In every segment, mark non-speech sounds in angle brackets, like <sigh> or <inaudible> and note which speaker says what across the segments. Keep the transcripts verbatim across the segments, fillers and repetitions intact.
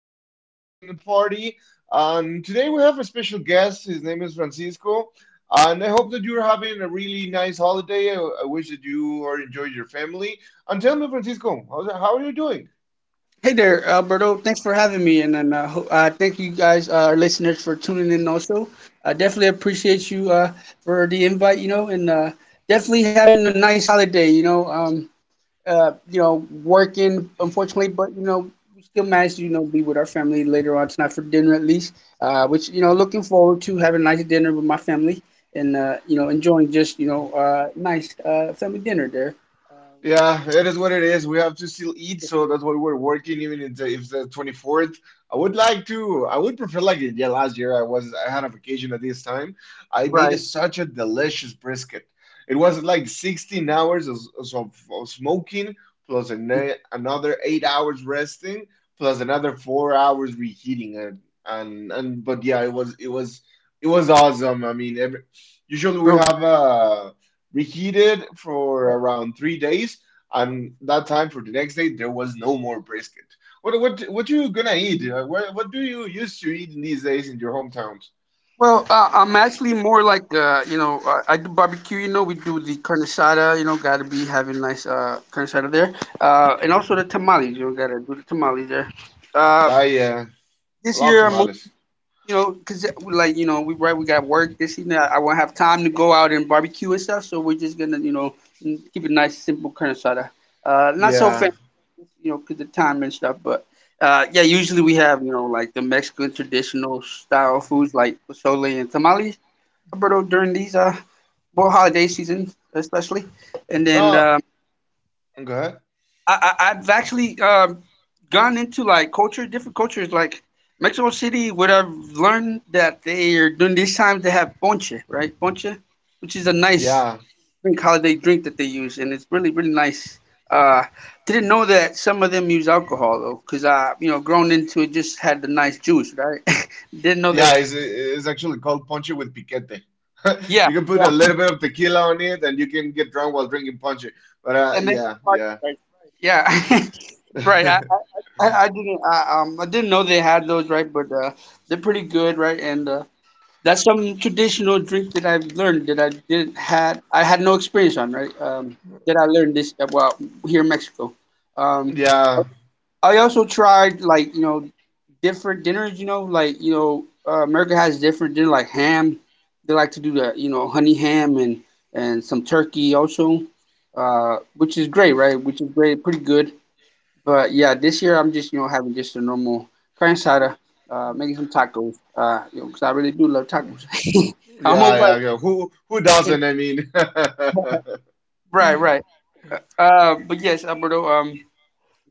Speaker 1: the Alberts and the party. Um, today we have a special guest. His name is Francisco, and I hope that you're having a really nice holiday. I, I wish that you are enjoying your family. And tell me, Francisco, how's, how are you doing?
Speaker 2: Hey there, Alberto. Thanks for having me, and then uh, ho- uh, thank you guys, uh, our listeners, for tuning in. Also, I definitely appreciate you uh, for the invite. You know, and uh, definitely having a nice holiday. You know, um, uh, you know, working unfortunately, but you know, we still managed to you know be with our family later on tonight for dinner at least. Uh, which you know, looking forward to having a nice dinner with my family, and uh, you know, enjoying just you know, uh, nice uh, family dinner there. Um,
Speaker 1: Yeah, it is what it is. We have to still eat, so that's why we're working, even if the, if the twenty-fourth. I would like to, I would prefer like yeah, last year I was I had a vacation at this time. I made a,
Speaker 2: right.
Speaker 1: such a delicious brisket. It was like sixteen hours of, of, of smoking plus an, another eight hours resting plus another four hours reheating and and and but yeah, it was it was it was awesome. I mean, every, usually we have
Speaker 2: Throwback.
Speaker 1: uh reheated for around three days, and that time for the next day, there was no more brisket. What what what you gonna eat? Uh, What what do you used to eat in these days in your hometowns?
Speaker 2: Well, uh, I'm actually more like uh, you know, uh, I do barbecue. You know, we do the carne asada. You know, gotta be having nice uh carne asada there, uh, and also the tamales. You know, gotta do the tamales there. Uh,
Speaker 1: I uh,
Speaker 2: this
Speaker 1: love
Speaker 2: year I'm mo-
Speaker 1: tamales.
Speaker 2: you know, cause uh, like you know we, right, we got work this evening. I, I won't have time to go out and barbecue and stuff, so we're just gonna you know mm, keep it nice, simple carne asada. Uh, not so
Speaker 1: Yeah.
Speaker 2: fancy, you know, cause the time and stuff, but. Uh, yeah, usually we have, you know, like the Mexican traditional style foods like pozole and tamales, Alberto, during these uh well, holiday season especially, and then
Speaker 1: Well,
Speaker 2: um,
Speaker 1: go ahead.
Speaker 2: I, I I've actually um gone into like culture different cultures like Mexico City. What I've learned, that they are during these times they have ponche, right, ponche, which is a nice
Speaker 1: Yeah.
Speaker 2: drink holiday drink that they use, and it's really really nice. Uh, didn't know that some of them use alcohol though, cause I you know grown into it just had the nice juice, right. <laughs> Didn't know
Speaker 1: Yeah,
Speaker 2: that.
Speaker 1: it's, it's actually called ponche with piquete. <laughs>
Speaker 2: Yeah,
Speaker 1: You can put a little bit of tequila on it and you can get drunk while drinking ponche. But uh,
Speaker 2: and then
Speaker 1: yeah,
Speaker 2: party,
Speaker 1: yeah.
Speaker 2: right. Right. Yeah, <laughs> right. I,
Speaker 1: <laughs>
Speaker 2: I didn't I, um I didn't know they had those, right, but uh, they're pretty good, right, and uh, that's some traditional drink that I've learned, that I didn't had I had no experience on, right. Um, that I learned this, uh, well, here in Mexico. Um,
Speaker 1: Yeah,
Speaker 2: I also tried like you know different dinners. You know like you know uh, America has different dinner like ham. They like to do the you know honey ham, and and some turkey also, uh, which is great, right, which is great, pretty good. But yeah, this year I'm just you know having just a normal carne asada, uh, making some tacos, uh, you know, 'cause I really do love tacos. <laughs> I'm
Speaker 1: yeah,
Speaker 2: hoping I
Speaker 1: yeah, yeah. Who who
Speaker 2: can.
Speaker 1: doesn't? I mean,
Speaker 2: Right, right. Uh, but yes, Alberto. Um,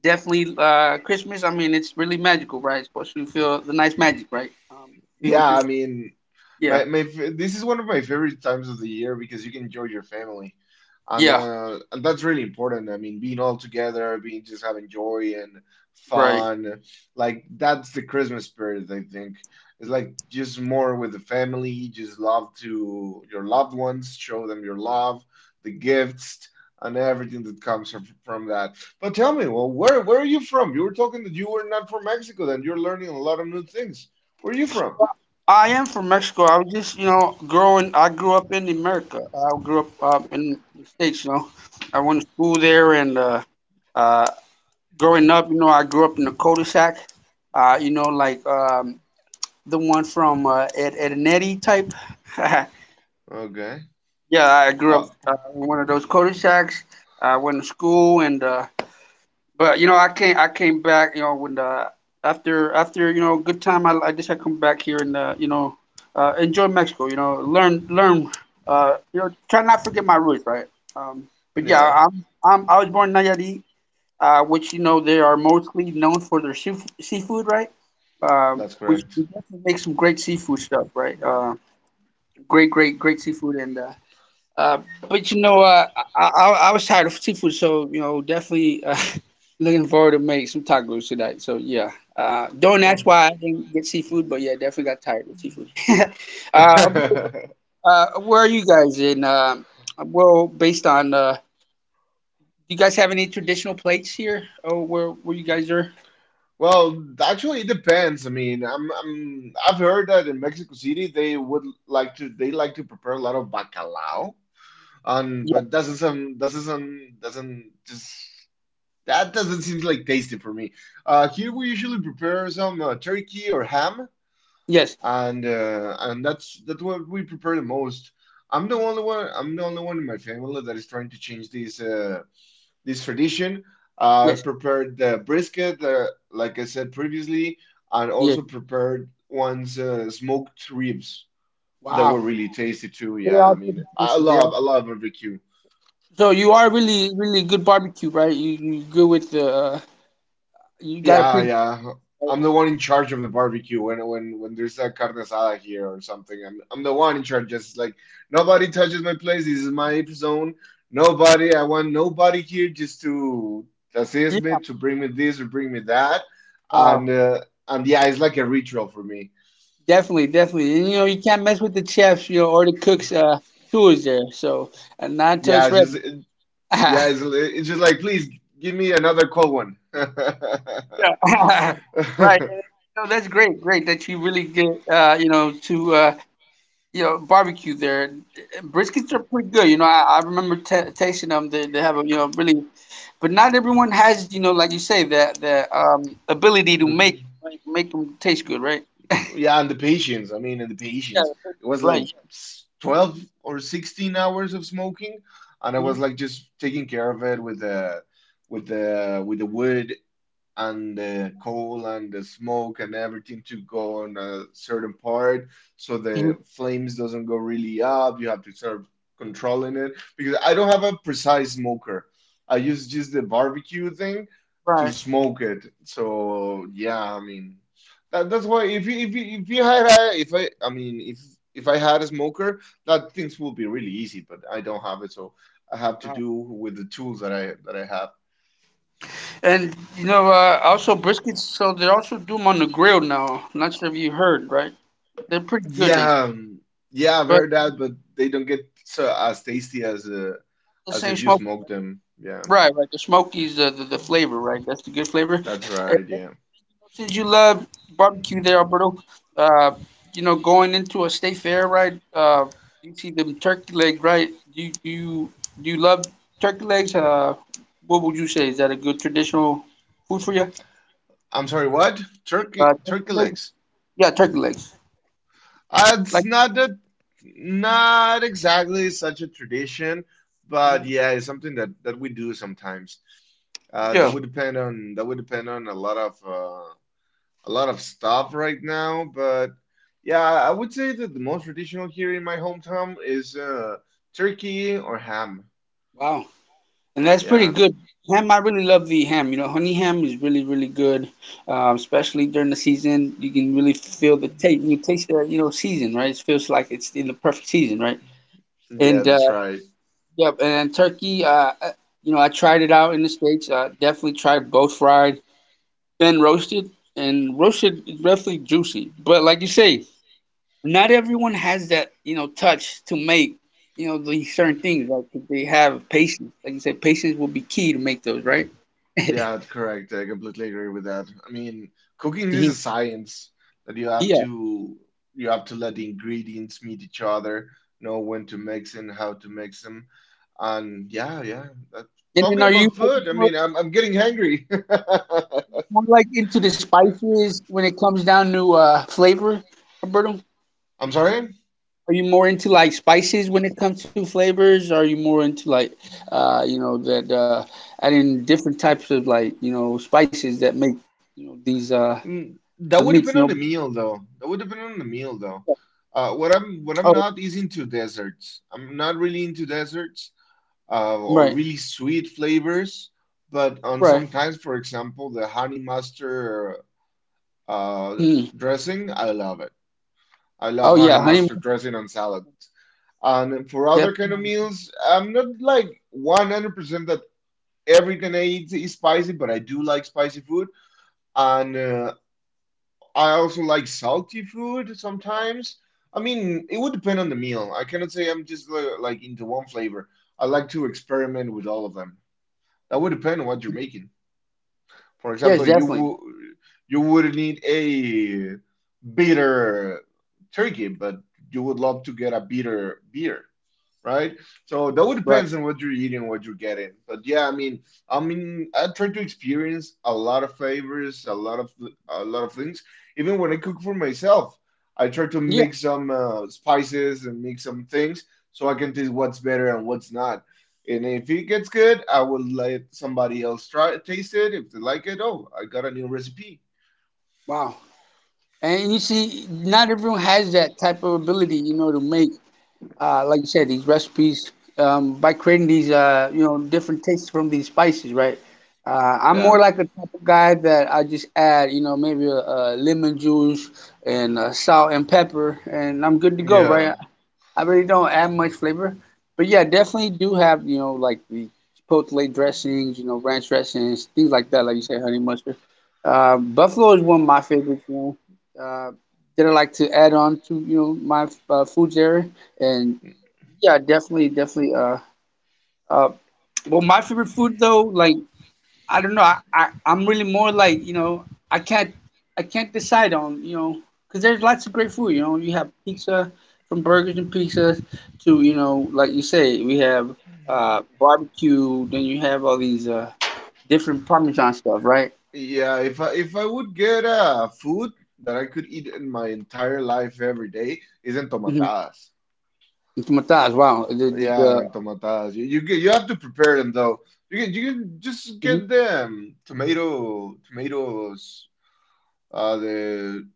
Speaker 2: definitely. Uh, Christmas. I mean, it's really magical, right? It's supposed to feel the nice magic, right? Um,
Speaker 1: <laughs>
Speaker 2: being with
Speaker 1: yeah,
Speaker 2: your.
Speaker 1: I mean,
Speaker 2: Yeah.
Speaker 1: My my f- this is one of my favorite times of the year because you can enjoy your family, and
Speaker 2: Yeah.
Speaker 1: uh, and that's really important. I mean, being all together, being just having joy and
Speaker 2: Right.
Speaker 1: fun, like that's the Christmas spirit. I think it's like just more with the family, just love to your loved ones, show them your love, the gifts, and everything that comes from from that. But tell me, well, where where are you from? You were talking that you were not from Mexico, then you're learning a lot of new things. Where are you from?
Speaker 2: I am from Mexico. I was just, you know, growing. I grew up in America. I grew up uh, in the states. You know, I went to school there, and uh, uh, growing up, you know, I grew up in a cul-de-sac, uh, you know, like um, the one from uh, Ed, Ed and Eddie type. <laughs> Yeah,
Speaker 1: Okay.
Speaker 2: I grew up
Speaker 1: Uh,
Speaker 2: uh, in one of those cul-de-sacs. I went to school, and uh, but you know, I came I came back, you know, when the after after you know good time, I, I just I come back here and uh, you know uh, enjoy Mexico, you know, learn learn, uh, you know, try not forget my roots, right? Um, but yeah,
Speaker 1: yeah,
Speaker 2: I'm I'm I was born in Nayarit, uh, which you know they are mostly known for their seaf seafood, right? Um,
Speaker 1: that's
Speaker 2: which
Speaker 1: correct.
Speaker 2: we definitely make some great seafood stuff, right? Uh, great, great, great seafood, and uh, uh, but you know, uh, I, I I was tired of seafood, so you know, definitely uh, <laughs> looking forward to make some tacos tonight. So yeah, uh, don't ask
Speaker 1: Um,
Speaker 2: why I didn't get seafood, but yeah, definitely got tired of seafood. <laughs> uh,
Speaker 1: <laughs>
Speaker 2: uh, where are you guys in? Uh, well, based on, uh, do you guys have any traditional plates here? Oh, where where you guys are?
Speaker 1: well, actually, it depends. I mean, I'm, I'm I've heard that in Mexico City they would like to they like to prepare a lot of bacalao. Um, but doesn't sound doesn't sound doesn't just that doesn't seem like tasty for me. Uh, here we usually prepare some uh, turkey or ham,
Speaker 2: Yes,
Speaker 1: and uh, and that's that's what we prepare the most. I'm the only one. I'm the only one in my family that is trying to change this. Uh, this tradition. I uh,
Speaker 2: yes,
Speaker 1: prepared the brisket, uh, like I said previously, and
Speaker 2: yes.
Speaker 1: also prepared once uh, smoked ribs that were
Speaker 2: Wow,
Speaker 1: really tasty too.
Speaker 2: they
Speaker 1: Yeah,
Speaker 2: are
Speaker 1: I mean,
Speaker 2: pretty
Speaker 1: I
Speaker 2: tasty. They are.
Speaker 1: love I love barbecue.
Speaker 2: So you are really, really good barbecue, right? You you good with the, uh, you got a
Speaker 1: Yeah,
Speaker 2: pretty,
Speaker 1: yeah. I'm the one in charge of the barbecue when when when there's a carne asada here or something. I'm I'm the one in charge. Just like nobody touches my place. This is my zone. Nobody. I want nobody here just to assist
Speaker 2: yeah.
Speaker 1: me, to bring me this or bring me that. And
Speaker 2: Wow.
Speaker 1: uh, and yeah, it's like a ritual for me.
Speaker 2: Definitely, definitely. And you know you can't mess with the chefs, you know, or the cooks' uh, tools there. So, and not
Speaker 1: Yeah,
Speaker 2: until
Speaker 1: it's
Speaker 2: it's
Speaker 1: just
Speaker 2: ready.
Speaker 1: it,
Speaker 2: <laughs> Yeah,
Speaker 1: yeah, it's it's just like please give me another cold one.
Speaker 2: <laughs> right. No, that's great, great that you really get, uh, you know to uh, you know barbecue there. Briskets are pretty good. You know, I, I remember t tasting them. They they have a, you know really, but not everyone has, you know, like you say, that that um ability to make,
Speaker 1: <laughs> <laughs>
Speaker 2: like, make them taste good, right?
Speaker 1: Yeah, and the patience. I mean, and the
Speaker 2: Yeah,
Speaker 1: patience.
Speaker 2: it tastes
Speaker 1: It was
Speaker 2: good, right.
Speaker 1: like s- twelve or sixteen hours of smoking, and I
Speaker 2: Yeah.
Speaker 1: was like just taking care of it with the with the with the wood and the coal and the smoke and everything to go on a certain part so
Speaker 2: Hmm.
Speaker 1: the flames doesn't go really up. You have to start controlling it because I don't have a precise smoker. I use just the barbecue thing to
Speaker 2: Right.
Speaker 1: smoke it. So yeah, I mean that, that's why if you, if you, if you had a, if I I mean if if I had a smoker that things would be really easy, but I don't have it, so I have to
Speaker 2: Wow.
Speaker 1: do with the tools that I that I have.
Speaker 2: And you know, uh, also briskets. So they also do them on the grill now. I'm not sure if you heard, right? They're pretty good. They,
Speaker 1: Yeah, um, yeah, I've
Speaker 2: but
Speaker 1: heard that, but they don't get so as tasty as uh,
Speaker 2: the
Speaker 1: as
Speaker 2: same
Speaker 1: if you
Speaker 2: smoke,
Speaker 1: smoke them. Yeah,
Speaker 2: right? Right. The smokies, the, the the flavor, right? That's the good flavor.
Speaker 1: that's right. Yeah,
Speaker 2: Since you love barbecue there, Alberto, uh, you know, going into a state fair, right? Uh, you see them turkey leg, right? Do you, do you do you love turkey legs? Uh, what would you say? Is that a good traditional food for you?
Speaker 1: I'm sorry. What?
Speaker 2: Uh,
Speaker 1: Turkey
Speaker 2: turkey
Speaker 1: turkey
Speaker 2: legs?
Speaker 1: legs?
Speaker 2: Yeah, turkey legs.
Speaker 1: Uh, it's
Speaker 2: Like,
Speaker 1: not that, not exactly such a tradition, but
Speaker 2: mhm,
Speaker 1: yeah, it's something that that we do sometimes. Uh, that
Speaker 2: yeah,
Speaker 1: would depend on that would depend on a lot of uh, a lot of stuff right now, but yeah, I would say that the most traditional here in my hometown is uh, turkey or ham.
Speaker 2: wow. And that's pretty
Speaker 1: Yeah,
Speaker 2: good. Ham, I really love the ham. You know, honey ham is really, really good, um, especially during the season. You can really feel the taste. You can taste the, you know, season, right? It feels like it's in the perfect season, right?
Speaker 1: yeah,
Speaker 2: And uh,
Speaker 1: that's right.
Speaker 2: yep, and then turkey, uh, I- you know, I tried it out in the States. Uh, definitely tried both fried and roasted. And roasted is definitely juicy. But like you say, not everyone has that, you know, touch to make, you know, these certain things. Like, if they have patience. Like you said, patience will be key to make those, right?
Speaker 1: Yeah, that's correct. I completely agree with that. I mean, cooking is a
Speaker 2: Hmm.
Speaker 1: science that you have
Speaker 2: Yeah.
Speaker 1: to you have to let the ingredients meet each other, know when to mix and how to mix them. And yeah, yeah. that-
Speaker 2: And then
Speaker 1: Talking
Speaker 2: are you
Speaker 1: about
Speaker 2: like
Speaker 1: food, I
Speaker 2: more,
Speaker 1: mean, I'm I'm getting hungry.
Speaker 2: more like into the spices when it comes down to uh flavor, Roberto?
Speaker 1: <laughs> I'm sorry.
Speaker 2: Are you more into like spices when it comes to flavors? Are you more into like, uh you know that uh adding different types of like, you know spices that make, you know these uh
Speaker 1: Mm,
Speaker 2: the
Speaker 1: That would
Speaker 2: meats you
Speaker 1: depend
Speaker 2: know
Speaker 1: on the meal, though. That would depend on the meal, though. Uh, what I'm what I'm
Speaker 2: Oh,
Speaker 1: not is into desserts. I'm not really into desserts uh, or
Speaker 2: right,
Speaker 1: really sweet flavors. But on
Speaker 2: right.
Speaker 1: sometimes, for example, the honey mustard uh,
Speaker 2: Mm.
Speaker 1: dressing, I love it. I love
Speaker 2: Oh
Speaker 1: honey
Speaker 2: yeah, honey
Speaker 1: mustard
Speaker 2: mustard,
Speaker 1: dressing on salad. And for other kind
Speaker 2: definitely
Speaker 1: of
Speaker 2: on.
Speaker 1: meals, I'm not like one hundred percent that everything I eat is spicy, but I do like spicy food. And uh, I also like salty food sometimes. I mean, it would depend on the meal. I cannot say I'm just li- like into one flavor. I like to experiment with all of them. That would depend on what you're making. For
Speaker 2: Yes,
Speaker 1: example, you
Speaker 2: definitely.
Speaker 1: would you would need a bitter turkey, but you would love to get a bitter beer, right? So that would
Speaker 2: Right.
Speaker 1: depends on what you're eating, what you're getting. But yeah, I mean, I mean, I try to experience a lot of flavors, a lot of a lot of things. Even when I cook for myself, I try to
Speaker 2: Yeah.
Speaker 1: mix some uh, spices and mix some things so I can taste what's better and what's not. And if it gets good, I will let somebody else try taste it. If they like it, oh, I got a new recipe.
Speaker 2: Wow. And you see, not everyone has that type of ability, you know to make, uh, like you said, these recipes, um, by creating these, uh, you know, different tastes from these spices, right? Uh, I'm
Speaker 1: Yeah,
Speaker 2: more like a type of guy that I just add, you know, maybe a, a lemon juice and uh, salt and pepper, and I'm good to go,
Speaker 1: yeah.
Speaker 2: right? I really don't add much flavor, but yeah, definitely do have, you know, like the chipotle dressings, you know, ranch dressings, things like that, like you said, honey mustard. Uh, buffalo is one of my favorites, you know, uh, that I like to add on to, you know, my uh, food there, and yeah, definitely, definitely. Uh, uh, well, my favorite food though, like, I don't know, I, I I'm really more like, you know, I can't I can't decide on, you know, because there's lots of great food. You know, you have pizza, from burgers and pizzas to, you know, like you say, we have uh barbecue. Then you have all these uh different Parmesan stuff, right?
Speaker 1: Yeah, if I if I would get a food that I could eat in my entire life every day, is
Speaker 2: Mm-hmm.
Speaker 1: entomatadas.
Speaker 2: Tomatoes. Wow. The the
Speaker 1: Yeah,
Speaker 2: the,
Speaker 1: entomatadas. You you get you have to prepare them though. You can you can just
Speaker 2: mhm,
Speaker 1: get them tomato tomatoes uh the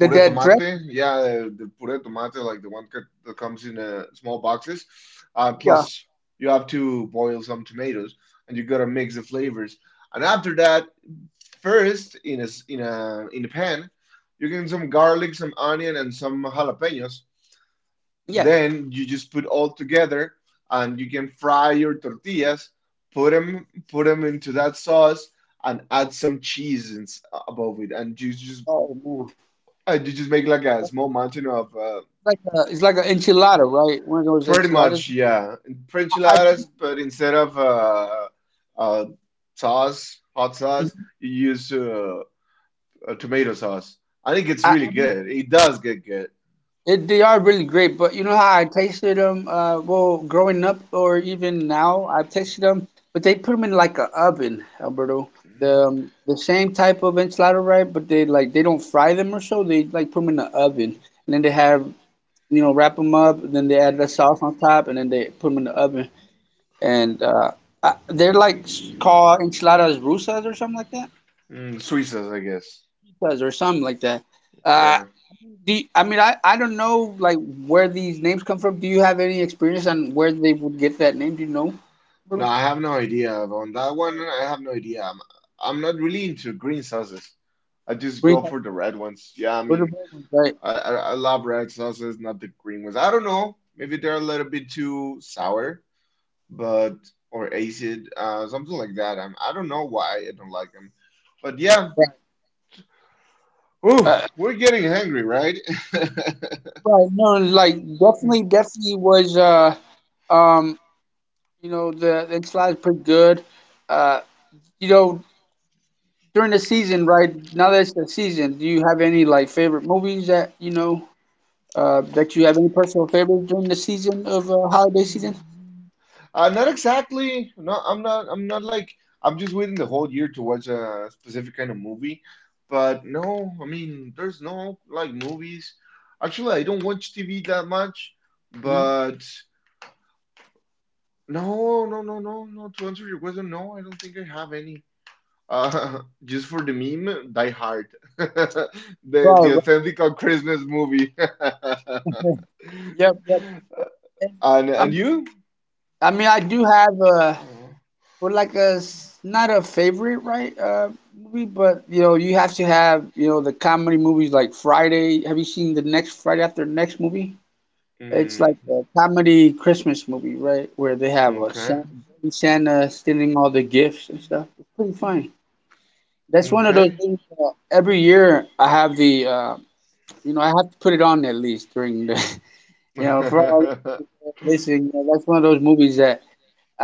Speaker 2: the
Speaker 1: puré
Speaker 2: that dress.
Speaker 1: tomate. Yeah, the, the puré tomate like the one cut- that comes in uh, small boxes. Uh
Speaker 2: Yeah.
Speaker 1: plus you have to boil some tomatoes and you gotta mix the flavors. And after that, first, in a in a in a pan, you get some garlic, some onion, and some jalapenos.
Speaker 2: Yes.
Speaker 1: Then you just put all together, and you can fry your tortillas. Put them put them into that sauce, and add some cheese and s- above it, and you just
Speaker 2: Oh man.
Speaker 1: and you just make like a small mountain of uh,
Speaker 2: Like a, it's like an enchilada, right? One of those
Speaker 1: pretty
Speaker 2: enchiladas.
Speaker 1: much yeah French
Speaker 2: I think.
Speaker 1: enchiladas, but instead of uh, uh, sauce, hot sauce, you use uh, uh, tomato sauce. I think it's
Speaker 2: I,
Speaker 1: really good. It does get good.
Speaker 2: it, they are really great, but you know how I tasted them, uh, well, growing up or even now, I've tasted them, but they put them in like a oven, Alberto. The um, the same type of enchilada, right? But they like they don't fry them or so. They like put them in the oven, and then they have you know wrap them up, then they add the sauce on top, and then they put them in the oven. And uh, I, they're like s- called enchiladas rusas or something like that,
Speaker 1: Mm, sweet sauce, I guess.
Speaker 2: rusas or something like that. Uh,
Speaker 1: Yeah.
Speaker 2: Do you- I mean I, I don't know like where these names come from. Do you have any experience on where they would get that name? Do you know?
Speaker 1: No,
Speaker 2: Roberto?
Speaker 1: I have no idea on that one. I have no idea. I'm I'm not really into green sauces. I just go
Speaker 2: Rita-
Speaker 1: for the red ones. Yeah, I mean,
Speaker 2: Roberto. Right,
Speaker 1: I I, I love red sauces, not the green ones. I don't know. Maybe they're a little bit too sour, but or acid, uh, something like that. I'm, I don't know why I don't like them, but yeah.
Speaker 2: right,
Speaker 1: Ooh,
Speaker 2: uh,
Speaker 1: we're getting hungry, right?
Speaker 2: right. No, like, definitely, definitely was. Uh, um, you know the the enchilada is pretty good. Uh, you know during the season, right? Now that it's the season, do you have any like favorite movies that you know? Uh, that you have any personal favorites during the season of, uh, holiday season?
Speaker 1: <laughs> Uh, not exactly. No, I'm not. I'm not like. I'm just waiting the whole year to watch a specific kind of movie. But no, I mean, there's no like movies. Actually, I don't watch T V that much.
Speaker 2: Hmm.
Speaker 1: But no, no, no, no, no. To answer your question, no, I don't think I have any. Uh, <laughs> just for the meme, Die Hard, <laughs> the
Speaker 2: Right,
Speaker 1: the
Speaker 2: right.
Speaker 1: authentic Christmas movie.
Speaker 2: Yep,
Speaker 1: <laughs>
Speaker 2: yep. And,
Speaker 1: And
Speaker 2: I
Speaker 1: and
Speaker 2: mean,
Speaker 1: you?
Speaker 2: I mean, I do have a,
Speaker 1: Oh,
Speaker 2: well, like a, s- not a favorite, right? Uh, movie, but you know, you have to have, you know, the comedy movies like Friday. Have you seen the next Friday after next movie? It's like a
Speaker 1: mm,
Speaker 2: comedy Christmas movie, right? Where they have a
Speaker 1: okay.
Speaker 2: Santa, Santa stealing all the gifts and stuff. It's pretty funny. That's one of those
Speaker 1: Okay.
Speaker 2: things that every year I have the, uh, you know, I have to put it on at least during the, <laughs> you know, for all
Speaker 1: <laughs>
Speaker 2: listening. you know, That's one of those movies that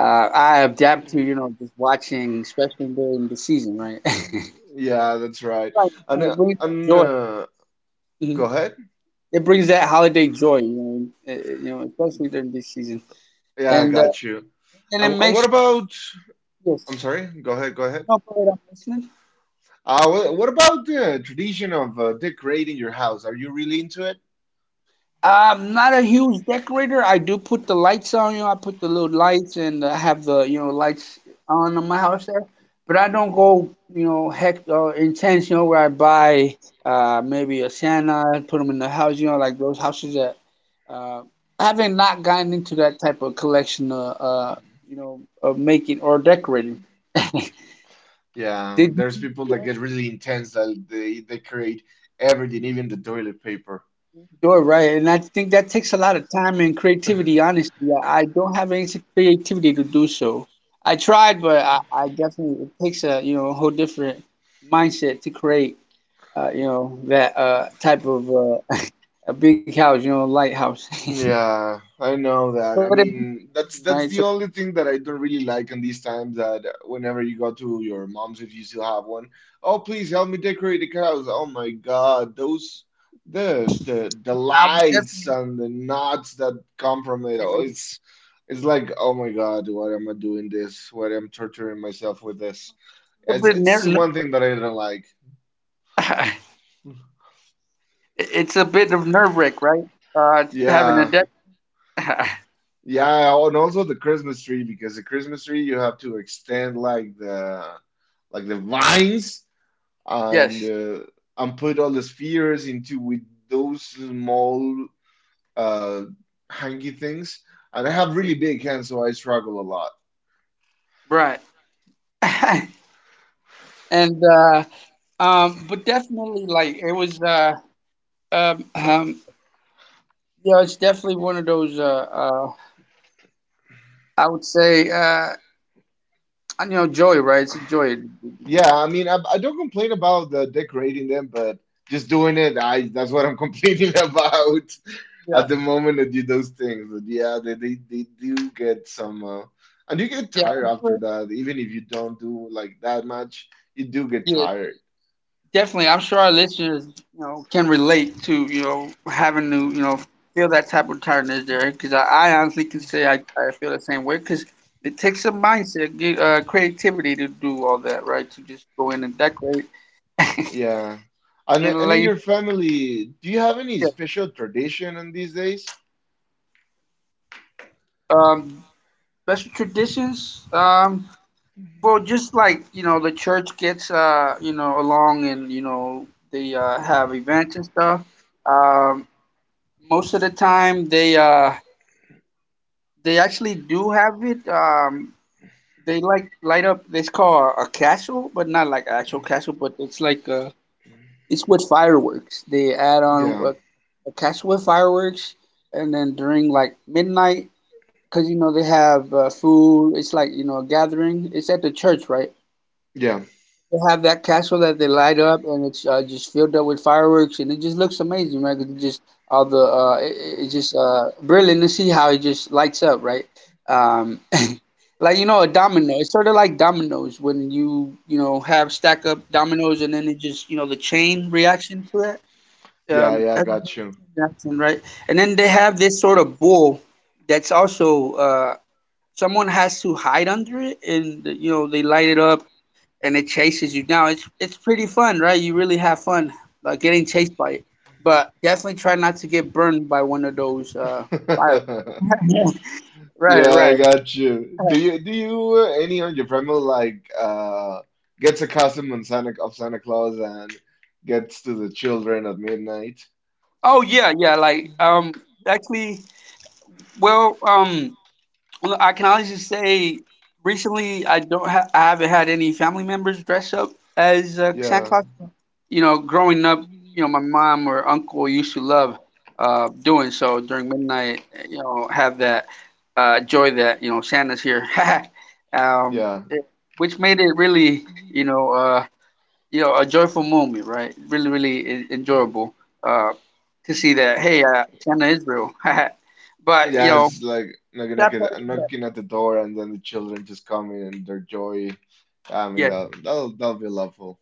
Speaker 2: Uh, I adapt to, you
Speaker 1: Mm,
Speaker 2: know, just watching, especially during the season, right? <laughs>
Speaker 1: yeah, that's right.
Speaker 2: Right,
Speaker 1: And
Speaker 2: right. It
Speaker 1: uh,
Speaker 2: brings that
Speaker 1: and
Speaker 2: joy.
Speaker 1: uh, go
Speaker 2: Mhm.
Speaker 1: ahead.
Speaker 2: It brings that holiday joy, you know, uh, uh, you know, especially during this season.
Speaker 1: Yeah, I
Speaker 2: And uh,
Speaker 1: got you.
Speaker 2: and it
Speaker 1: And, and what
Speaker 2: makes you,
Speaker 1: about? I'm
Speaker 2: yes.
Speaker 1: sorry. Go ahead. Go ahead.
Speaker 2: No, go ahead, I'm listening.
Speaker 1: Uh, what, what about the tradition of uh, decorating your house? Are you really into it?
Speaker 2: I'm not a huge decorator. I do put the lights on, you know, I put the little lights and I have the, you know, lights on in my house there. But I don't go, you know, heck uh, intense, you know, where I buy uh maybe a Santa, and put them in the house, you know, like those houses that uh I haven't not gotten into that type of collection uh, uh you know, of making or decorating. <laughs>
Speaker 1: Yeah,
Speaker 2: Did
Speaker 1: there's
Speaker 2: you?
Speaker 1: people that get really intense that they decorate everything, even the toilet paper.
Speaker 2: You're right, and I think that takes a lot of time and
Speaker 1: <laughs>
Speaker 2: creativity. Honestly, I I don't have any creativity to do so. I tried, but I, I definitely it takes a you know a whole different mindset to create uh, you know that uh, type of uh, <laughs> a big house, you know, lighthouse. <laughs>
Speaker 1: Yeah, I know
Speaker 2: but it's
Speaker 1: that. I mean,
Speaker 2: amazing, right?
Speaker 1: that's
Speaker 2: So
Speaker 1: that's the only thing that I don't really like in these times that whenever you go to your mom's, if you still have one, oh, please help me decorate the house. Oh my God, those the the
Speaker 2: yeah,
Speaker 1: the
Speaker 2: I would
Speaker 1: lights
Speaker 2: definitely
Speaker 1: and the knots that come from it.
Speaker 2: totally
Speaker 1: Oh,
Speaker 2: agree.
Speaker 1: it's it's like, oh my God, what am I doing this? What am I torturing myself with this?
Speaker 2: It's a
Speaker 1: It's
Speaker 2: bit ner-
Speaker 1: it's one
Speaker 2: nerve
Speaker 1: thing that I don't like.
Speaker 2: wracking. <laughs> it's a bit of nerve wrack, right? Uh, having a
Speaker 1: Yeah.
Speaker 2: deck.
Speaker 1: Yeah, and also the Christmas tree because the Christmas tree you have to extend like the like the vines
Speaker 2: <laughs>
Speaker 1: and
Speaker 2: yes,
Speaker 1: uh, and put all the spheres into with those small uh hangy things. And I have really big hands, so I struggle a lot.
Speaker 2: right. <laughs> and uh. Um, but definitely, like it was. Uh, um, um, yeah, it's definitely one of those. Uh, uh, I would say, uh, you know, joy, right? It's a joy.
Speaker 1: Yeah, I mean, I, I don't complain about the decorating them, but just doing it, I that's what I'm <laughs> complaining about
Speaker 2: Yeah,
Speaker 1: at the moment that you do those things. But yeah, they, they, they do get some, uh, and you get
Speaker 2: yeah,
Speaker 1: tired
Speaker 2: I'm
Speaker 1: after
Speaker 2: sure,
Speaker 1: that. Even if you don't do like that much, you do get
Speaker 2: yeah,
Speaker 1: tired.
Speaker 2: definitely. I'm sure our listeners, you know, can relate to you know having to you know feel that type of tiredness there, because I, I honestly can say I, I feel the same way, because it takes a mindset, ge- uh, creativity to do all that, right? To just go in and decorate
Speaker 1: Yeah, and
Speaker 2: and
Speaker 1: and in
Speaker 2: like,
Speaker 1: your family, do you have any
Speaker 2: yeah,
Speaker 1: special tradition in these days?
Speaker 2: um, special traditions, um. Well, just like, you know, the church gets uh, you know, along and, you know, they uh have events and stuff. Um most of the time they uh they actually do have it. Um they like light up this called a castle, but not like actual castle, but it's like uh it's with fireworks. They add on
Speaker 1: Yeah,
Speaker 2: a, a castle with fireworks and then during like midnight because you know they have uh, food. It's like, you know, a gathering. It's at the church, right?
Speaker 1: yeah,
Speaker 2: They have that castle that they light up and it's uh, just filled up with fireworks and it just looks amazing, right? 'Cause it just all the uh, it, it- it's just uh, brilliant to see how it just lights up, right? Um, <laughs> like you know, a domino. It's sort of like dominoes when you you know have stack up dominoes and then it just you know the chain reaction to it.
Speaker 1: yeah,
Speaker 2: Um,
Speaker 1: yeah. I
Speaker 2: that's a
Speaker 1: got you.
Speaker 2: big reaction, right? And then they have this sort of bull that's also uh, someone has to hide under it and you know they light it up and it chases you down. It's it's pretty fun, right? You really have fun uh, getting chased by it. But definitely try not to get burned by one of those uh fire.
Speaker 1: <laughs>
Speaker 2: Right,
Speaker 1: Yeah, I
Speaker 2: right.
Speaker 1: got you. Do you do you uh, any of your family like uh gets a costume on Santa of Santa Claus and gets to the children at midnight?
Speaker 2: Oh yeah, yeah. Like um, actually, well um. Well, I can honestly say recently I don't ha- I haven't had any family members dress up as uh, Santa
Speaker 1: Yeah.
Speaker 2: Claus. You know, growing up, you know, my mom or uncle used to love uh, doing so during midnight. You know, have that uh, joy that you know Santa's here, <laughs> um,
Speaker 1: Yeah.
Speaker 2: it, which made it really you know uh, you know a joyful moment, right? Really, really en- enjoyable uh, to see that. Hey, uh, Santa is real, <laughs> but you
Speaker 1: Yeah,
Speaker 2: know
Speaker 1: it's like knocking at
Speaker 2: that part
Speaker 1: the,
Speaker 2: is
Speaker 1: knocking at the door and then the children just come in and their joy. I mean
Speaker 2: that.
Speaker 1: that that'll that'll be lovely.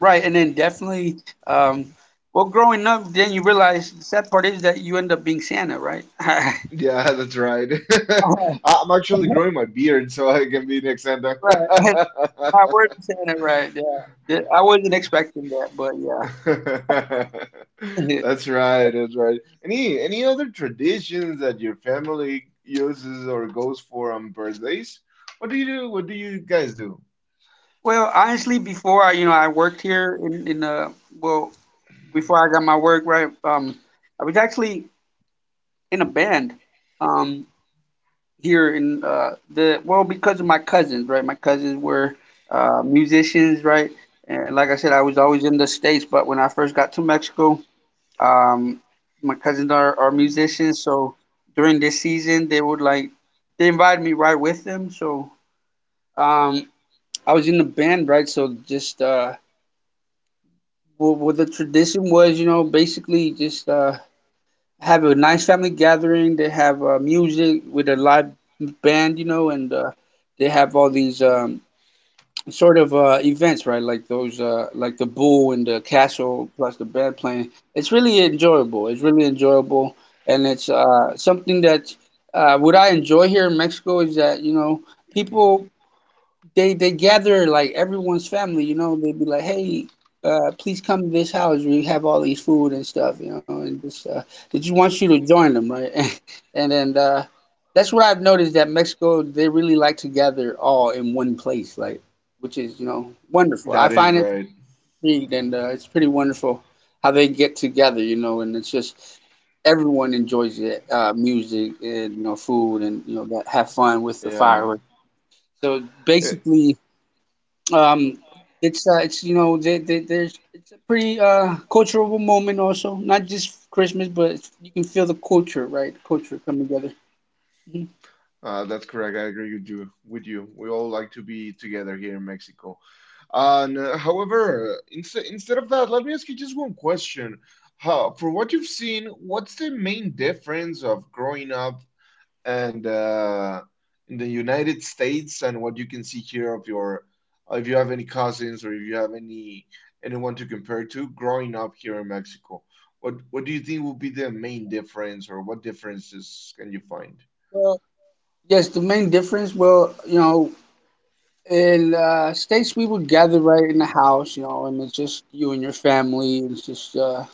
Speaker 2: Right, and then definitely, um, well, growing up, then you realize the sad part is that you end up being Santa, right? <laughs> right,
Speaker 1: Yeah, <laughs> that's right. <laughs> I- I'm actually growing my beard so I can be next Santa.
Speaker 2: <laughs> not word Santa, right? Yeah, Th- I wasn't expecting that, but
Speaker 1: <laughs>
Speaker 2: yeah.
Speaker 1: That's right, that's right. Any any other traditions that your family uses or goes for on birthdays? What do you do? What do you guys do?
Speaker 2: <laughs> well, honestly, before I, you know, I worked here in in uh, well, before I got my work, right? Um, I was actually in a band, um, here in uh, the well because of my cousins, right? My cousins were uh, musicians, right? And like I said, I was always in the States, but when I first got to Mexico, um, my cousins are, are musicians, so during this season they would like they invited me right with them. So um, I was in the band, right? So just uh, well, well, the tradition was, you know, basically just uh, have a nice family gathering. They have uh, music with a live band, you know, and uh, they have all these um, sort of uh, events, right? Like those, uh, like the bull and the castle, plus the band playing. It's really enjoyable. It's really enjoyable, and it's uh, something that uh, what I enjoy here in Mexico is that you know people they they gather like everyone's family, you know, they'd be like, Hey, uh, please come to this house. We have all these food and stuff, you know, and just uh did you want you to join them, right? <laughs> and and then uh that's what I've noticed that Mexico they really like to gather all in one place, like which is, you know, wonderful. I
Speaker 1: That
Speaker 2: find
Speaker 1: is
Speaker 2: it
Speaker 1: right.
Speaker 2: intrigued and uh, it's pretty wonderful how they get together, you know, and it's just everyone enjoys it, uh, music and you know, food and you know, that have fun with the
Speaker 1: Yeah.
Speaker 2: fireworks. So
Speaker 1: Eh,
Speaker 2: basically um, it's uh, it's you know there, there, there's it's a pretty uh cultural moment also, not just Christmas, but it's, you can feel the culture, right? Culture coming together. Mhm.
Speaker 1: Uh, that's correct. I agree with you. With you, we all like to be together here in Mexico. And uh, however, instead instead of that, let me ask you just one question. How, for what you've seen, what's the main difference of growing up and uh, in the United States and what you can see here of your, uh, if you have any cousins or if you have any anyone to compare to growing up here in Mexico? What what do you think will be the main difference or what differences can you find?
Speaker 2: Well, yes, the main difference, well, you know, in uh, states we would gather right in the house, you know, and it's just you and your family. And It's just uh,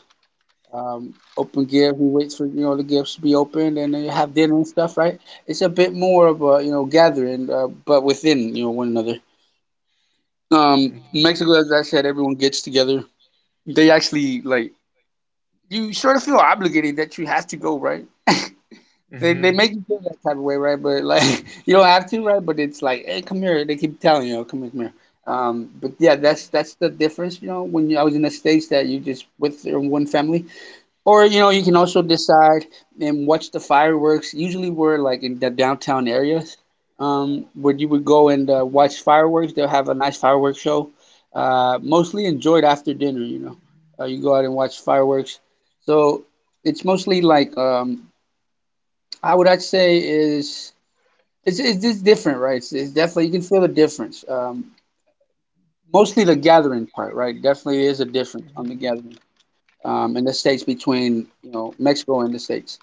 Speaker 2: um, open gift. We wait for you know the gifts to be opened, and then you have dinner and stuff, right? It's a bit more of a you know gathering, uh, but within you know one another. Um,
Speaker 1: Mm-hmm.
Speaker 2: Mexico, as I said, everyone gets together. They actually like you sort of feel obligated that you have to go, right? They they make you feel that type of way, right? But like <laughs> you don't have to, right? But it's like, hey, come here. They keep telling you, "Oh, come here, come here. Um, but yeah, that's that's the difference, you know. When you, I was in the states, that you just with your one family, or you know, you can also decide and watch the fireworks. Usually, we're like in the downtown areas, um, where you would go and uh, watch fireworks. They'll have a nice fireworks show, uh, mostly enjoyed after dinner. You know, uh, you go out and watch fireworks. So it's mostly like um, I would I'd say is it's it's just different, right? It's, it's definitely you can feel the difference. Um, mostly the gathering part, right? Definitely is a difference on the gathering um, in the states between you know Mexico and the states.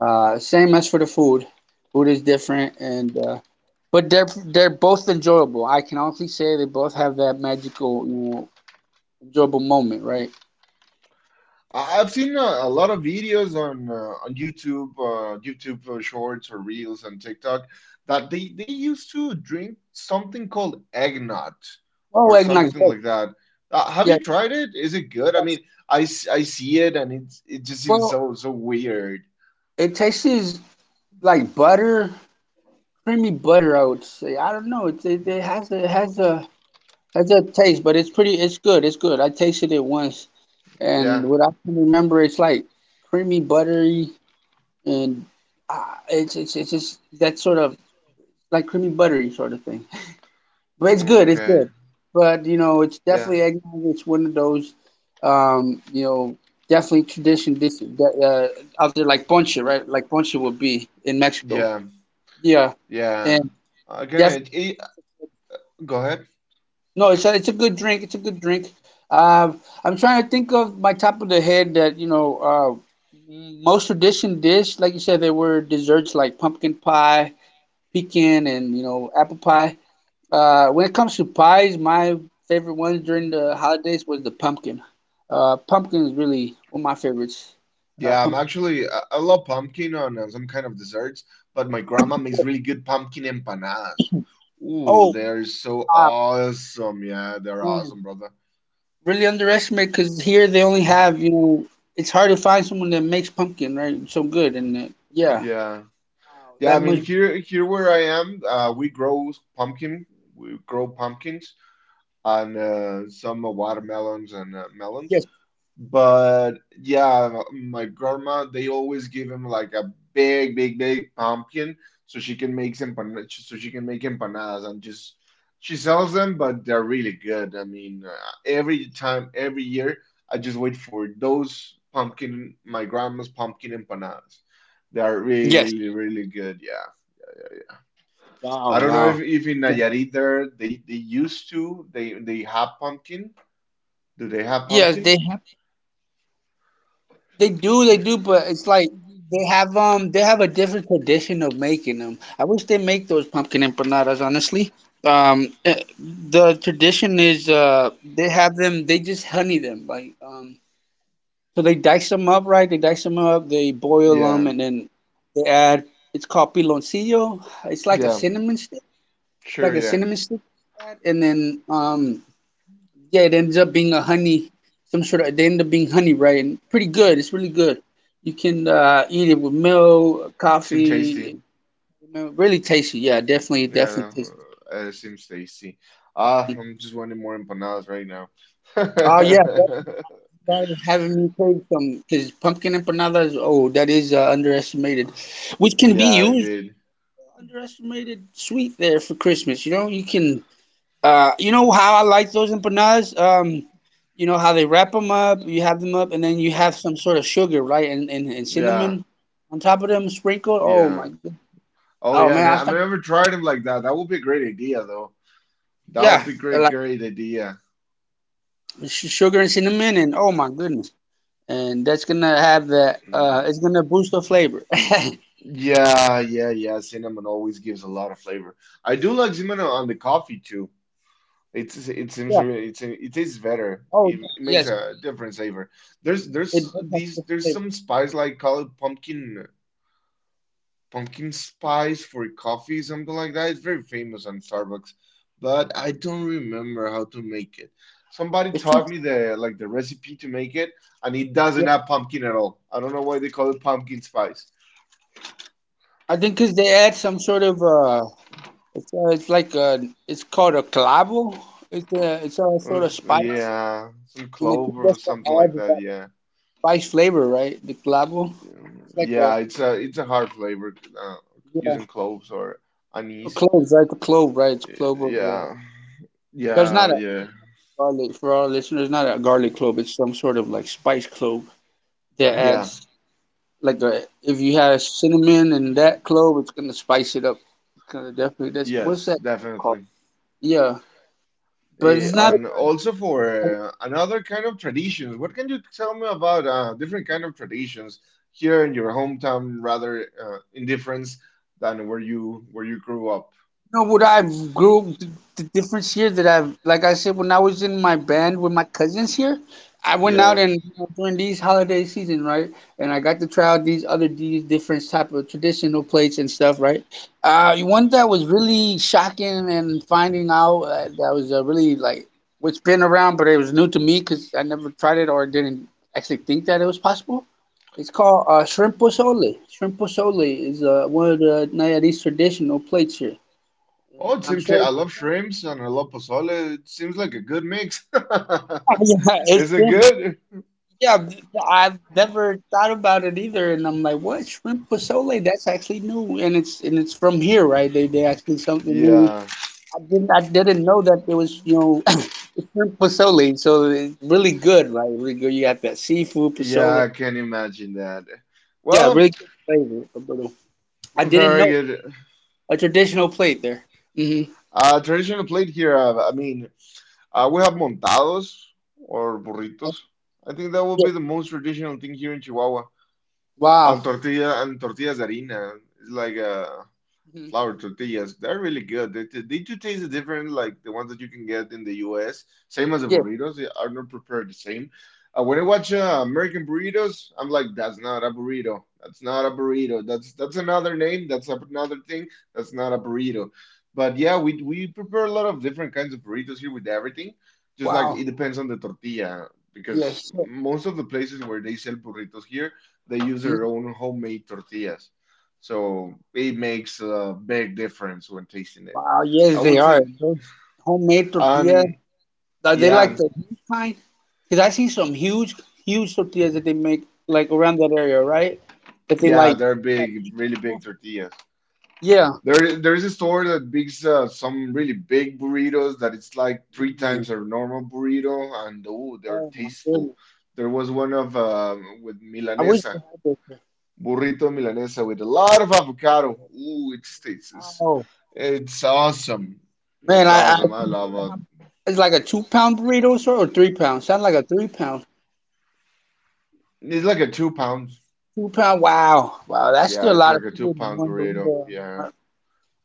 Speaker 2: Uh, same as for the food. Food is different, and uh, but they're they're both enjoyable. I can honestly say they both have that magical, you know, enjoyable moment, right?
Speaker 1: I- I've seen a, a lot of videos on uh, on YouTube, uh, YouTube uh, Shorts or Reels and TikTok that they they used to drink something called eggnog
Speaker 2: Oh,
Speaker 1: or
Speaker 2: eggnog,
Speaker 1: something
Speaker 2: yes,
Speaker 1: like that. Uh, have you
Speaker 2: yes,
Speaker 1: tried it? Is it good? I mean,
Speaker 2: yes.
Speaker 1: I, s- I see it and it's it just seems
Speaker 2: Well,
Speaker 1: so so weird.
Speaker 2: it tastes like butter, creamy butter. I would say. I don't know. It it, it has a, it has a has a taste, but it's pretty. It's good. It's good. I tasted it once, and
Speaker 1: Yeah.
Speaker 2: what I can remember, it's like creamy, buttery, and uh, it's it's it's just that sort of like creamy buttery sort of thing. <laughs> But it's good, it's
Speaker 1: Okay.
Speaker 2: good. But you know, it's
Speaker 1: Yeah.
Speaker 2: definitely eggnog. It's one of those, um, you know, definitely tradition dish that, uh, out there like ponche, right? Like ponche would be in Mexico.
Speaker 1: Yeah.
Speaker 2: Yeah,
Speaker 1: Yeah.
Speaker 2: and
Speaker 1: I can
Speaker 2: definitely
Speaker 1: imagine. Go ahead.
Speaker 2: no, it's a, it's a good drink. It's a good drink. Uh, I'm trying to think of my top of the head that you know uh, most tradition dish, like you said, there were desserts like pumpkin pie, pecan, and you know apple pie Uh, when it comes to pies, my favorite ones during the holidays was the pumpkin. Uh, pumpkin is really one of my favorites. Uh,
Speaker 1: Yeah, I'm
Speaker 2: pumpkin.
Speaker 1: actually I, I love pumpkin on uh, some kind of desserts, but my grandma makes really good pumpkin empanadas. Ooh,
Speaker 2: Oh,
Speaker 1: they're so
Speaker 2: wow,
Speaker 1: awesome. Yeah, they're
Speaker 2: man.
Speaker 1: awesome, brother.
Speaker 2: Really underestimated because here they only
Speaker 1: <laughs>
Speaker 2: have, you know, it's hard to find someone that makes pumpkin, right? So good. And uh, yeah,
Speaker 1: Yeah.
Speaker 2: wow,
Speaker 1: Yeah, I
Speaker 2: that
Speaker 1: mean
Speaker 2: much.
Speaker 1: here here where I am, uh we grow pumpkin, we grow pumpkins and uh some uh, watermelons and uh, melons.
Speaker 2: Yes.
Speaker 1: But yeah, my grandma, they always give him like a big, big, big pumpkin so she can make empan so she can make empanadas and just she sells them, but they're really good. I mean, uh, every time, every year, I just wait for those pumpkin, my grandma's pumpkin empanadas. They are
Speaker 2: Yes.
Speaker 1: really, really good. Yeah.
Speaker 2: Wow,
Speaker 1: I don't know if,
Speaker 2: wow.
Speaker 1: if in Nayarit there they, they used to, they they have pumpkin. Do they have
Speaker 2: Yes,
Speaker 1: pumpkin?
Speaker 2: they they do, they do, but it's like they have um they have a different tradition of making them. I wish they make those pumpkin empanadas, honestly. Um, eh, the tradition is uh they have them, they just honey them like um so they dice them up, right? They dice them up, they boil them,
Speaker 1: Yeah.
Speaker 2: and then they add, it's called piloncillo, it's like a
Speaker 1: Yeah.
Speaker 2: cinnamon stick,
Speaker 1: Sure,
Speaker 2: like a
Speaker 1: yeah.
Speaker 2: cinnamon stick, and then um. Yeah, it ends up being a honey, some sort of. They end up being honey, right? And pretty good. It's really good. You can uh, eat it with milk,
Speaker 1: Seem tasty.
Speaker 2: coffee. you know, Really tasty. Yeah, definitely, definitely
Speaker 1: Yeah,
Speaker 2: tasty.
Speaker 1: uh, it seems tasty. Ah,
Speaker 2: Mm.
Speaker 1: I'm just wanting more empanadas right now.
Speaker 2: Oh yeah,
Speaker 1: <laughs>
Speaker 2: definitely having me take some because pumpkin empanadas. Oh, that is uh, underestimated, which can be
Speaker 1: Yeah,
Speaker 2: used,
Speaker 1: indeed.
Speaker 2: underestimated sweet there for Christmas. You know, you can Uh, you know how I like those empanadas? Um, you know how they wrap them up, you have them up, and then you have some sort of sugar, right? And and, and cinnamon
Speaker 1: Yeah,
Speaker 2: on top of them sprinkled. Oh
Speaker 1: yeah.
Speaker 2: my goodness.
Speaker 1: Oh,
Speaker 2: Oh
Speaker 1: yeah.
Speaker 2: man,
Speaker 1: No,
Speaker 2: I'm
Speaker 1: I've
Speaker 2: starting.
Speaker 1: never tried them like that. That would be a great idea, though. That
Speaker 2: Yeah,
Speaker 1: would be
Speaker 2: uh,
Speaker 1: great,
Speaker 2: like
Speaker 1: great idea.
Speaker 2: sh- sugar and cinnamon, and oh my goodness. And that's gonna have the uh,
Speaker 1: Mm.
Speaker 2: it's gonna boost the flavor. <laughs>
Speaker 1: Yeah, yeah, yeah. Cinnamon always gives a lot of flavor. I do like cinnamon on the coffee too. It's it seems it's
Speaker 2: Yeah.
Speaker 1: inter- it's it is better.
Speaker 2: Oh
Speaker 1: It, it
Speaker 2: yeah.
Speaker 1: makes
Speaker 2: Yes,
Speaker 1: a different savor. There's
Speaker 2: it
Speaker 1: there's
Speaker 2: does have
Speaker 1: these
Speaker 2: the
Speaker 1: there's
Speaker 2: flavor.
Speaker 1: some spice like call it pumpkin pumpkin spice for coffee something like that. It's very famous on Starbucks, but I don't remember how to make it. Somebody
Speaker 2: It's too
Speaker 1: taught me
Speaker 2: strong.
Speaker 1: the like the recipe to make it, and it doesn't
Speaker 2: Yeah.
Speaker 1: have pumpkin at all. I don't know why they call it pumpkin spice.
Speaker 2: I think 'cause they add some sort of uh, it's uh, it's like uh, it's called a clavo. It's a it's a
Speaker 1: Uh,
Speaker 2: sort of spice.
Speaker 1: Yeah, some
Speaker 2: And I think
Speaker 1: clove or
Speaker 2: that's what
Speaker 1: something like
Speaker 2: adds
Speaker 1: that.
Speaker 2: that
Speaker 1: Yeah.
Speaker 2: spice flavor, right? The clavo. It's like a
Speaker 1: Yeah, it's a it's a hard flavor uh,
Speaker 2: yeah,
Speaker 1: using cloves or
Speaker 2: A
Speaker 1: anise.
Speaker 2: clove, right? The clove, right? It's clove of uh,
Speaker 1: Yeah,
Speaker 2: but it's not
Speaker 1: yeah,
Speaker 2: a
Speaker 1: yeah,
Speaker 2: garlic, for our listeners. Not a garlic clove. It's some sort of like spice clove that
Speaker 1: yeah.
Speaker 2: adds like a, if you have cinnamon and that clove, it's gonna spice it up. It's gonna definitely. That's what's
Speaker 1: Yes,
Speaker 2: that called?
Speaker 1: definitely.
Speaker 2: Yeah, but
Speaker 1: Yeah,
Speaker 2: it's not a
Speaker 1: and
Speaker 2: garlic.
Speaker 1: also for uh, another kind of traditions. What can you tell me about uh, different kind of traditions here in your hometown, rather uh, in difference than where you where you grew up?
Speaker 2: Know what I've grew, th- the difference here that I've, like I said, when I was in my band with my cousins here, I went out,
Speaker 1: Yeah.
Speaker 2: and you know, during these holiday season, right? And I got to try out these other, these different type of traditional plates and stuff, right? Uh, one that was really shocking and finding out uh, that was uh, really like what's been around, but it was new to me because I never tried it or didn't actually think that it was possible. It's called uh, shrimp pozole. Shrimp pozole is uh, one of the Nayarit's traditional plates here,
Speaker 1: Oh, it
Speaker 2: and I'm
Speaker 1: seems to,
Speaker 2: sure.
Speaker 1: I love shrimps and I love pozole. It seems like a good mix.
Speaker 2: <laughs> Yeah,
Speaker 1: <laughs>
Speaker 2: it's
Speaker 1: Is it
Speaker 2: shrimp.
Speaker 1: good?
Speaker 2: Yeah, I've I've never thought about it either. And I'm like, what, shrimp pozole? That's actually new, and it's and it's from here, right? They they actually something new.
Speaker 1: Yeah.
Speaker 2: I didn't I didn't know that there was, you know, <coughs> <laughs> shrimp pozole. So it's really good, right? Really good. You have that seafood
Speaker 1: Yeah,
Speaker 2: pozole.
Speaker 1: I can imagine that.
Speaker 2: Yeah, really
Speaker 1: Well,
Speaker 2: good flavor, Roberto. I didn't
Speaker 1: very
Speaker 2: know
Speaker 1: good.
Speaker 2: a traditional plate there. Mm-hmm.
Speaker 1: Uh, traditional plate here. Uh, I mean, uh, we have montados or burritos. I think that would
Speaker 2: Yes.
Speaker 1: be the most traditional thing here in Chihuahua.
Speaker 2: Wow.
Speaker 1: And tortilla and tortillas de harina. It's like uh
Speaker 2: Hmm.
Speaker 1: flour tortillas. They're really good. They, they, do taste different, like the ones that you can get in the U S. Same as the
Speaker 2: Yes.
Speaker 1: burritos. They are not prepared the same. Uh, when I watch uh, American burritos, I'm like, that's not a burrito. That's not a burrito. That's that's another name. That's another thing. That's not a burrito. But yeah, we we prepare a lot of different kinds of burritos here with everything. Just like
Speaker 2: Wow.
Speaker 1: it depends on the tortilla, because
Speaker 2: Yes. So,
Speaker 1: most of the places where they sell burritos here, they use their
Speaker 2: mm-hmm.
Speaker 1: own homemade tortillas. So it makes a big difference when tasting it.
Speaker 2: Wow,
Speaker 1: I
Speaker 2: yes, they
Speaker 1: would say,
Speaker 2: are. Those homemade tortillas,
Speaker 1: um,
Speaker 2: are they like
Speaker 1: yeah,
Speaker 2: the huge kind? Because I see some huge, huge tortillas that they make like around that area, right? That they
Speaker 1: yeah,
Speaker 2: like.
Speaker 1: they're
Speaker 2: like
Speaker 1: big,
Speaker 2: heat
Speaker 1: really big
Speaker 2: those.
Speaker 1: tortillas.
Speaker 2: Yeah.
Speaker 1: There, there is a store that makes uh, some really big burritos that it's like three
Speaker 2: Man,
Speaker 1: times our normal burrito, and oh, they're
Speaker 2: oh my
Speaker 1: tasteful.
Speaker 2: goodness.
Speaker 1: There was one of um, with
Speaker 2: I wish they
Speaker 1: milanesa,
Speaker 2: had those here.
Speaker 1: burrito milanesa with a lot of avocado. Ooh, it's it's it's,
Speaker 2: Oh
Speaker 1: it's awesome.
Speaker 2: man,
Speaker 1: It's
Speaker 2: I, I
Speaker 1: awesome. I
Speaker 2: can feel
Speaker 1: love
Speaker 2: it. I
Speaker 1: it.
Speaker 2: It's like a two pound burrito, sir, or three pound. Sounds like a three pound.
Speaker 1: It's like a two pound.
Speaker 2: Two pound. Wow, wow, that's still
Speaker 1: Yeah,
Speaker 2: a
Speaker 1: it's
Speaker 2: lot of
Speaker 1: like a two
Speaker 2: food in
Speaker 1: pound
Speaker 2: one
Speaker 1: burrito.
Speaker 2: burrito.
Speaker 1: Yeah.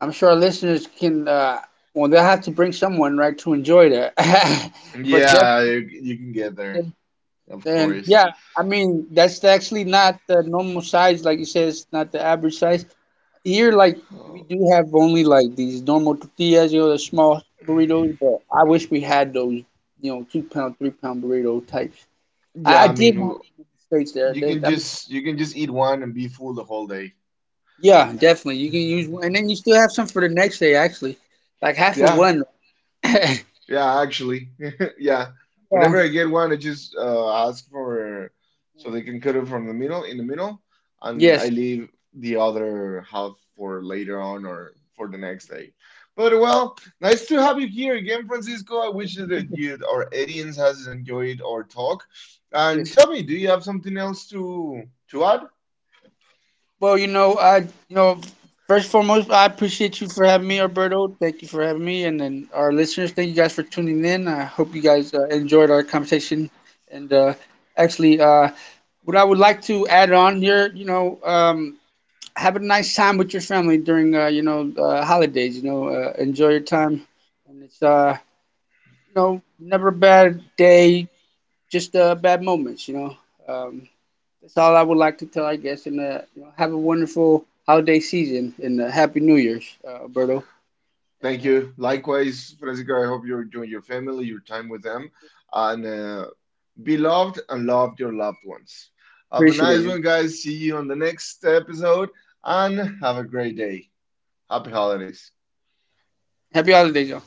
Speaker 2: I'm sure our listeners can. Uh, well, they'll have to bring someone, right, to enjoy that. <laughs> But
Speaker 1: Yeah,
Speaker 2: definitely,
Speaker 1: you, you can get there, of
Speaker 2: and
Speaker 1: course.
Speaker 2: yeah, I mean that's actually not the normal size, like you said, it's not the average size. Here, like we
Speaker 1: Uh,
Speaker 2: do have only like these normal tortillas, you know, the small burritos. But I wish we had those, you know, two pound, three pound burrito types. I,
Speaker 1: yeah,
Speaker 2: I
Speaker 1: I mean,
Speaker 2: did have
Speaker 1: w-
Speaker 2: them in the states there.
Speaker 1: you
Speaker 2: They,
Speaker 1: can
Speaker 2: I mean,
Speaker 1: just you can just eat one and be full the whole day.
Speaker 2: yeah, definitely. You can use
Speaker 1: <laughs>
Speaker 2: one, and then you still have some for the next day. Actually, like half of
Speaker 1: Yeah,
Speaker 2: one. <laughs>
Speaker 1: yeah, actually. <laughs> Yeah.
Speaker 2: Yeah.
Speaker 1: Whenever I get one, I just uh, ask for so they can cut it from the middle in the middle, and I
Speaker 2: Yes.
Speaker 1: leave the other half for later on or for the next day. But well, nice to have you here again, Francisco. I wish that you our audience has enjoyed our talk. And
Speaker 2: Yes.
Speaker 1: tell me, do you have something else to to add?
Speaker 2: Well, you know, I, you know, first and foremost, I appreciate you for having me, Alberto. Thank you for having me, and then our listeners. Thank you guys for tuning in. I hope you guys uh, enjoyed our conversation. And uh, actually, uh, what I would like to add on here, you know, um, have a nice time with your family during, uh, you know, uh, holidays. You know, uh, enjoy your time, and it's, uh, you know, never a bad day, just uh, bad moments. You know. Um, That's all I would like to tell, I guess. And uh, you know, have a wonderful holiday season and uh, happy New Year's, uh, Alberto. And
Speaker 1: Thank
Speaker 2: uh,
Speaker 1: you. Likewise, Francisco. I hope you're enjoying your family, your time with them, and uh, beloved, and love your loved ones. Have a
Speaker 2: Appreciate
Speaker 1: nice
Speaker 2: you.
Speaker 1: one, guys. See you on the next episode, and have a great day. Happy holidays.
Speaker 2: Happy holidays, y'all.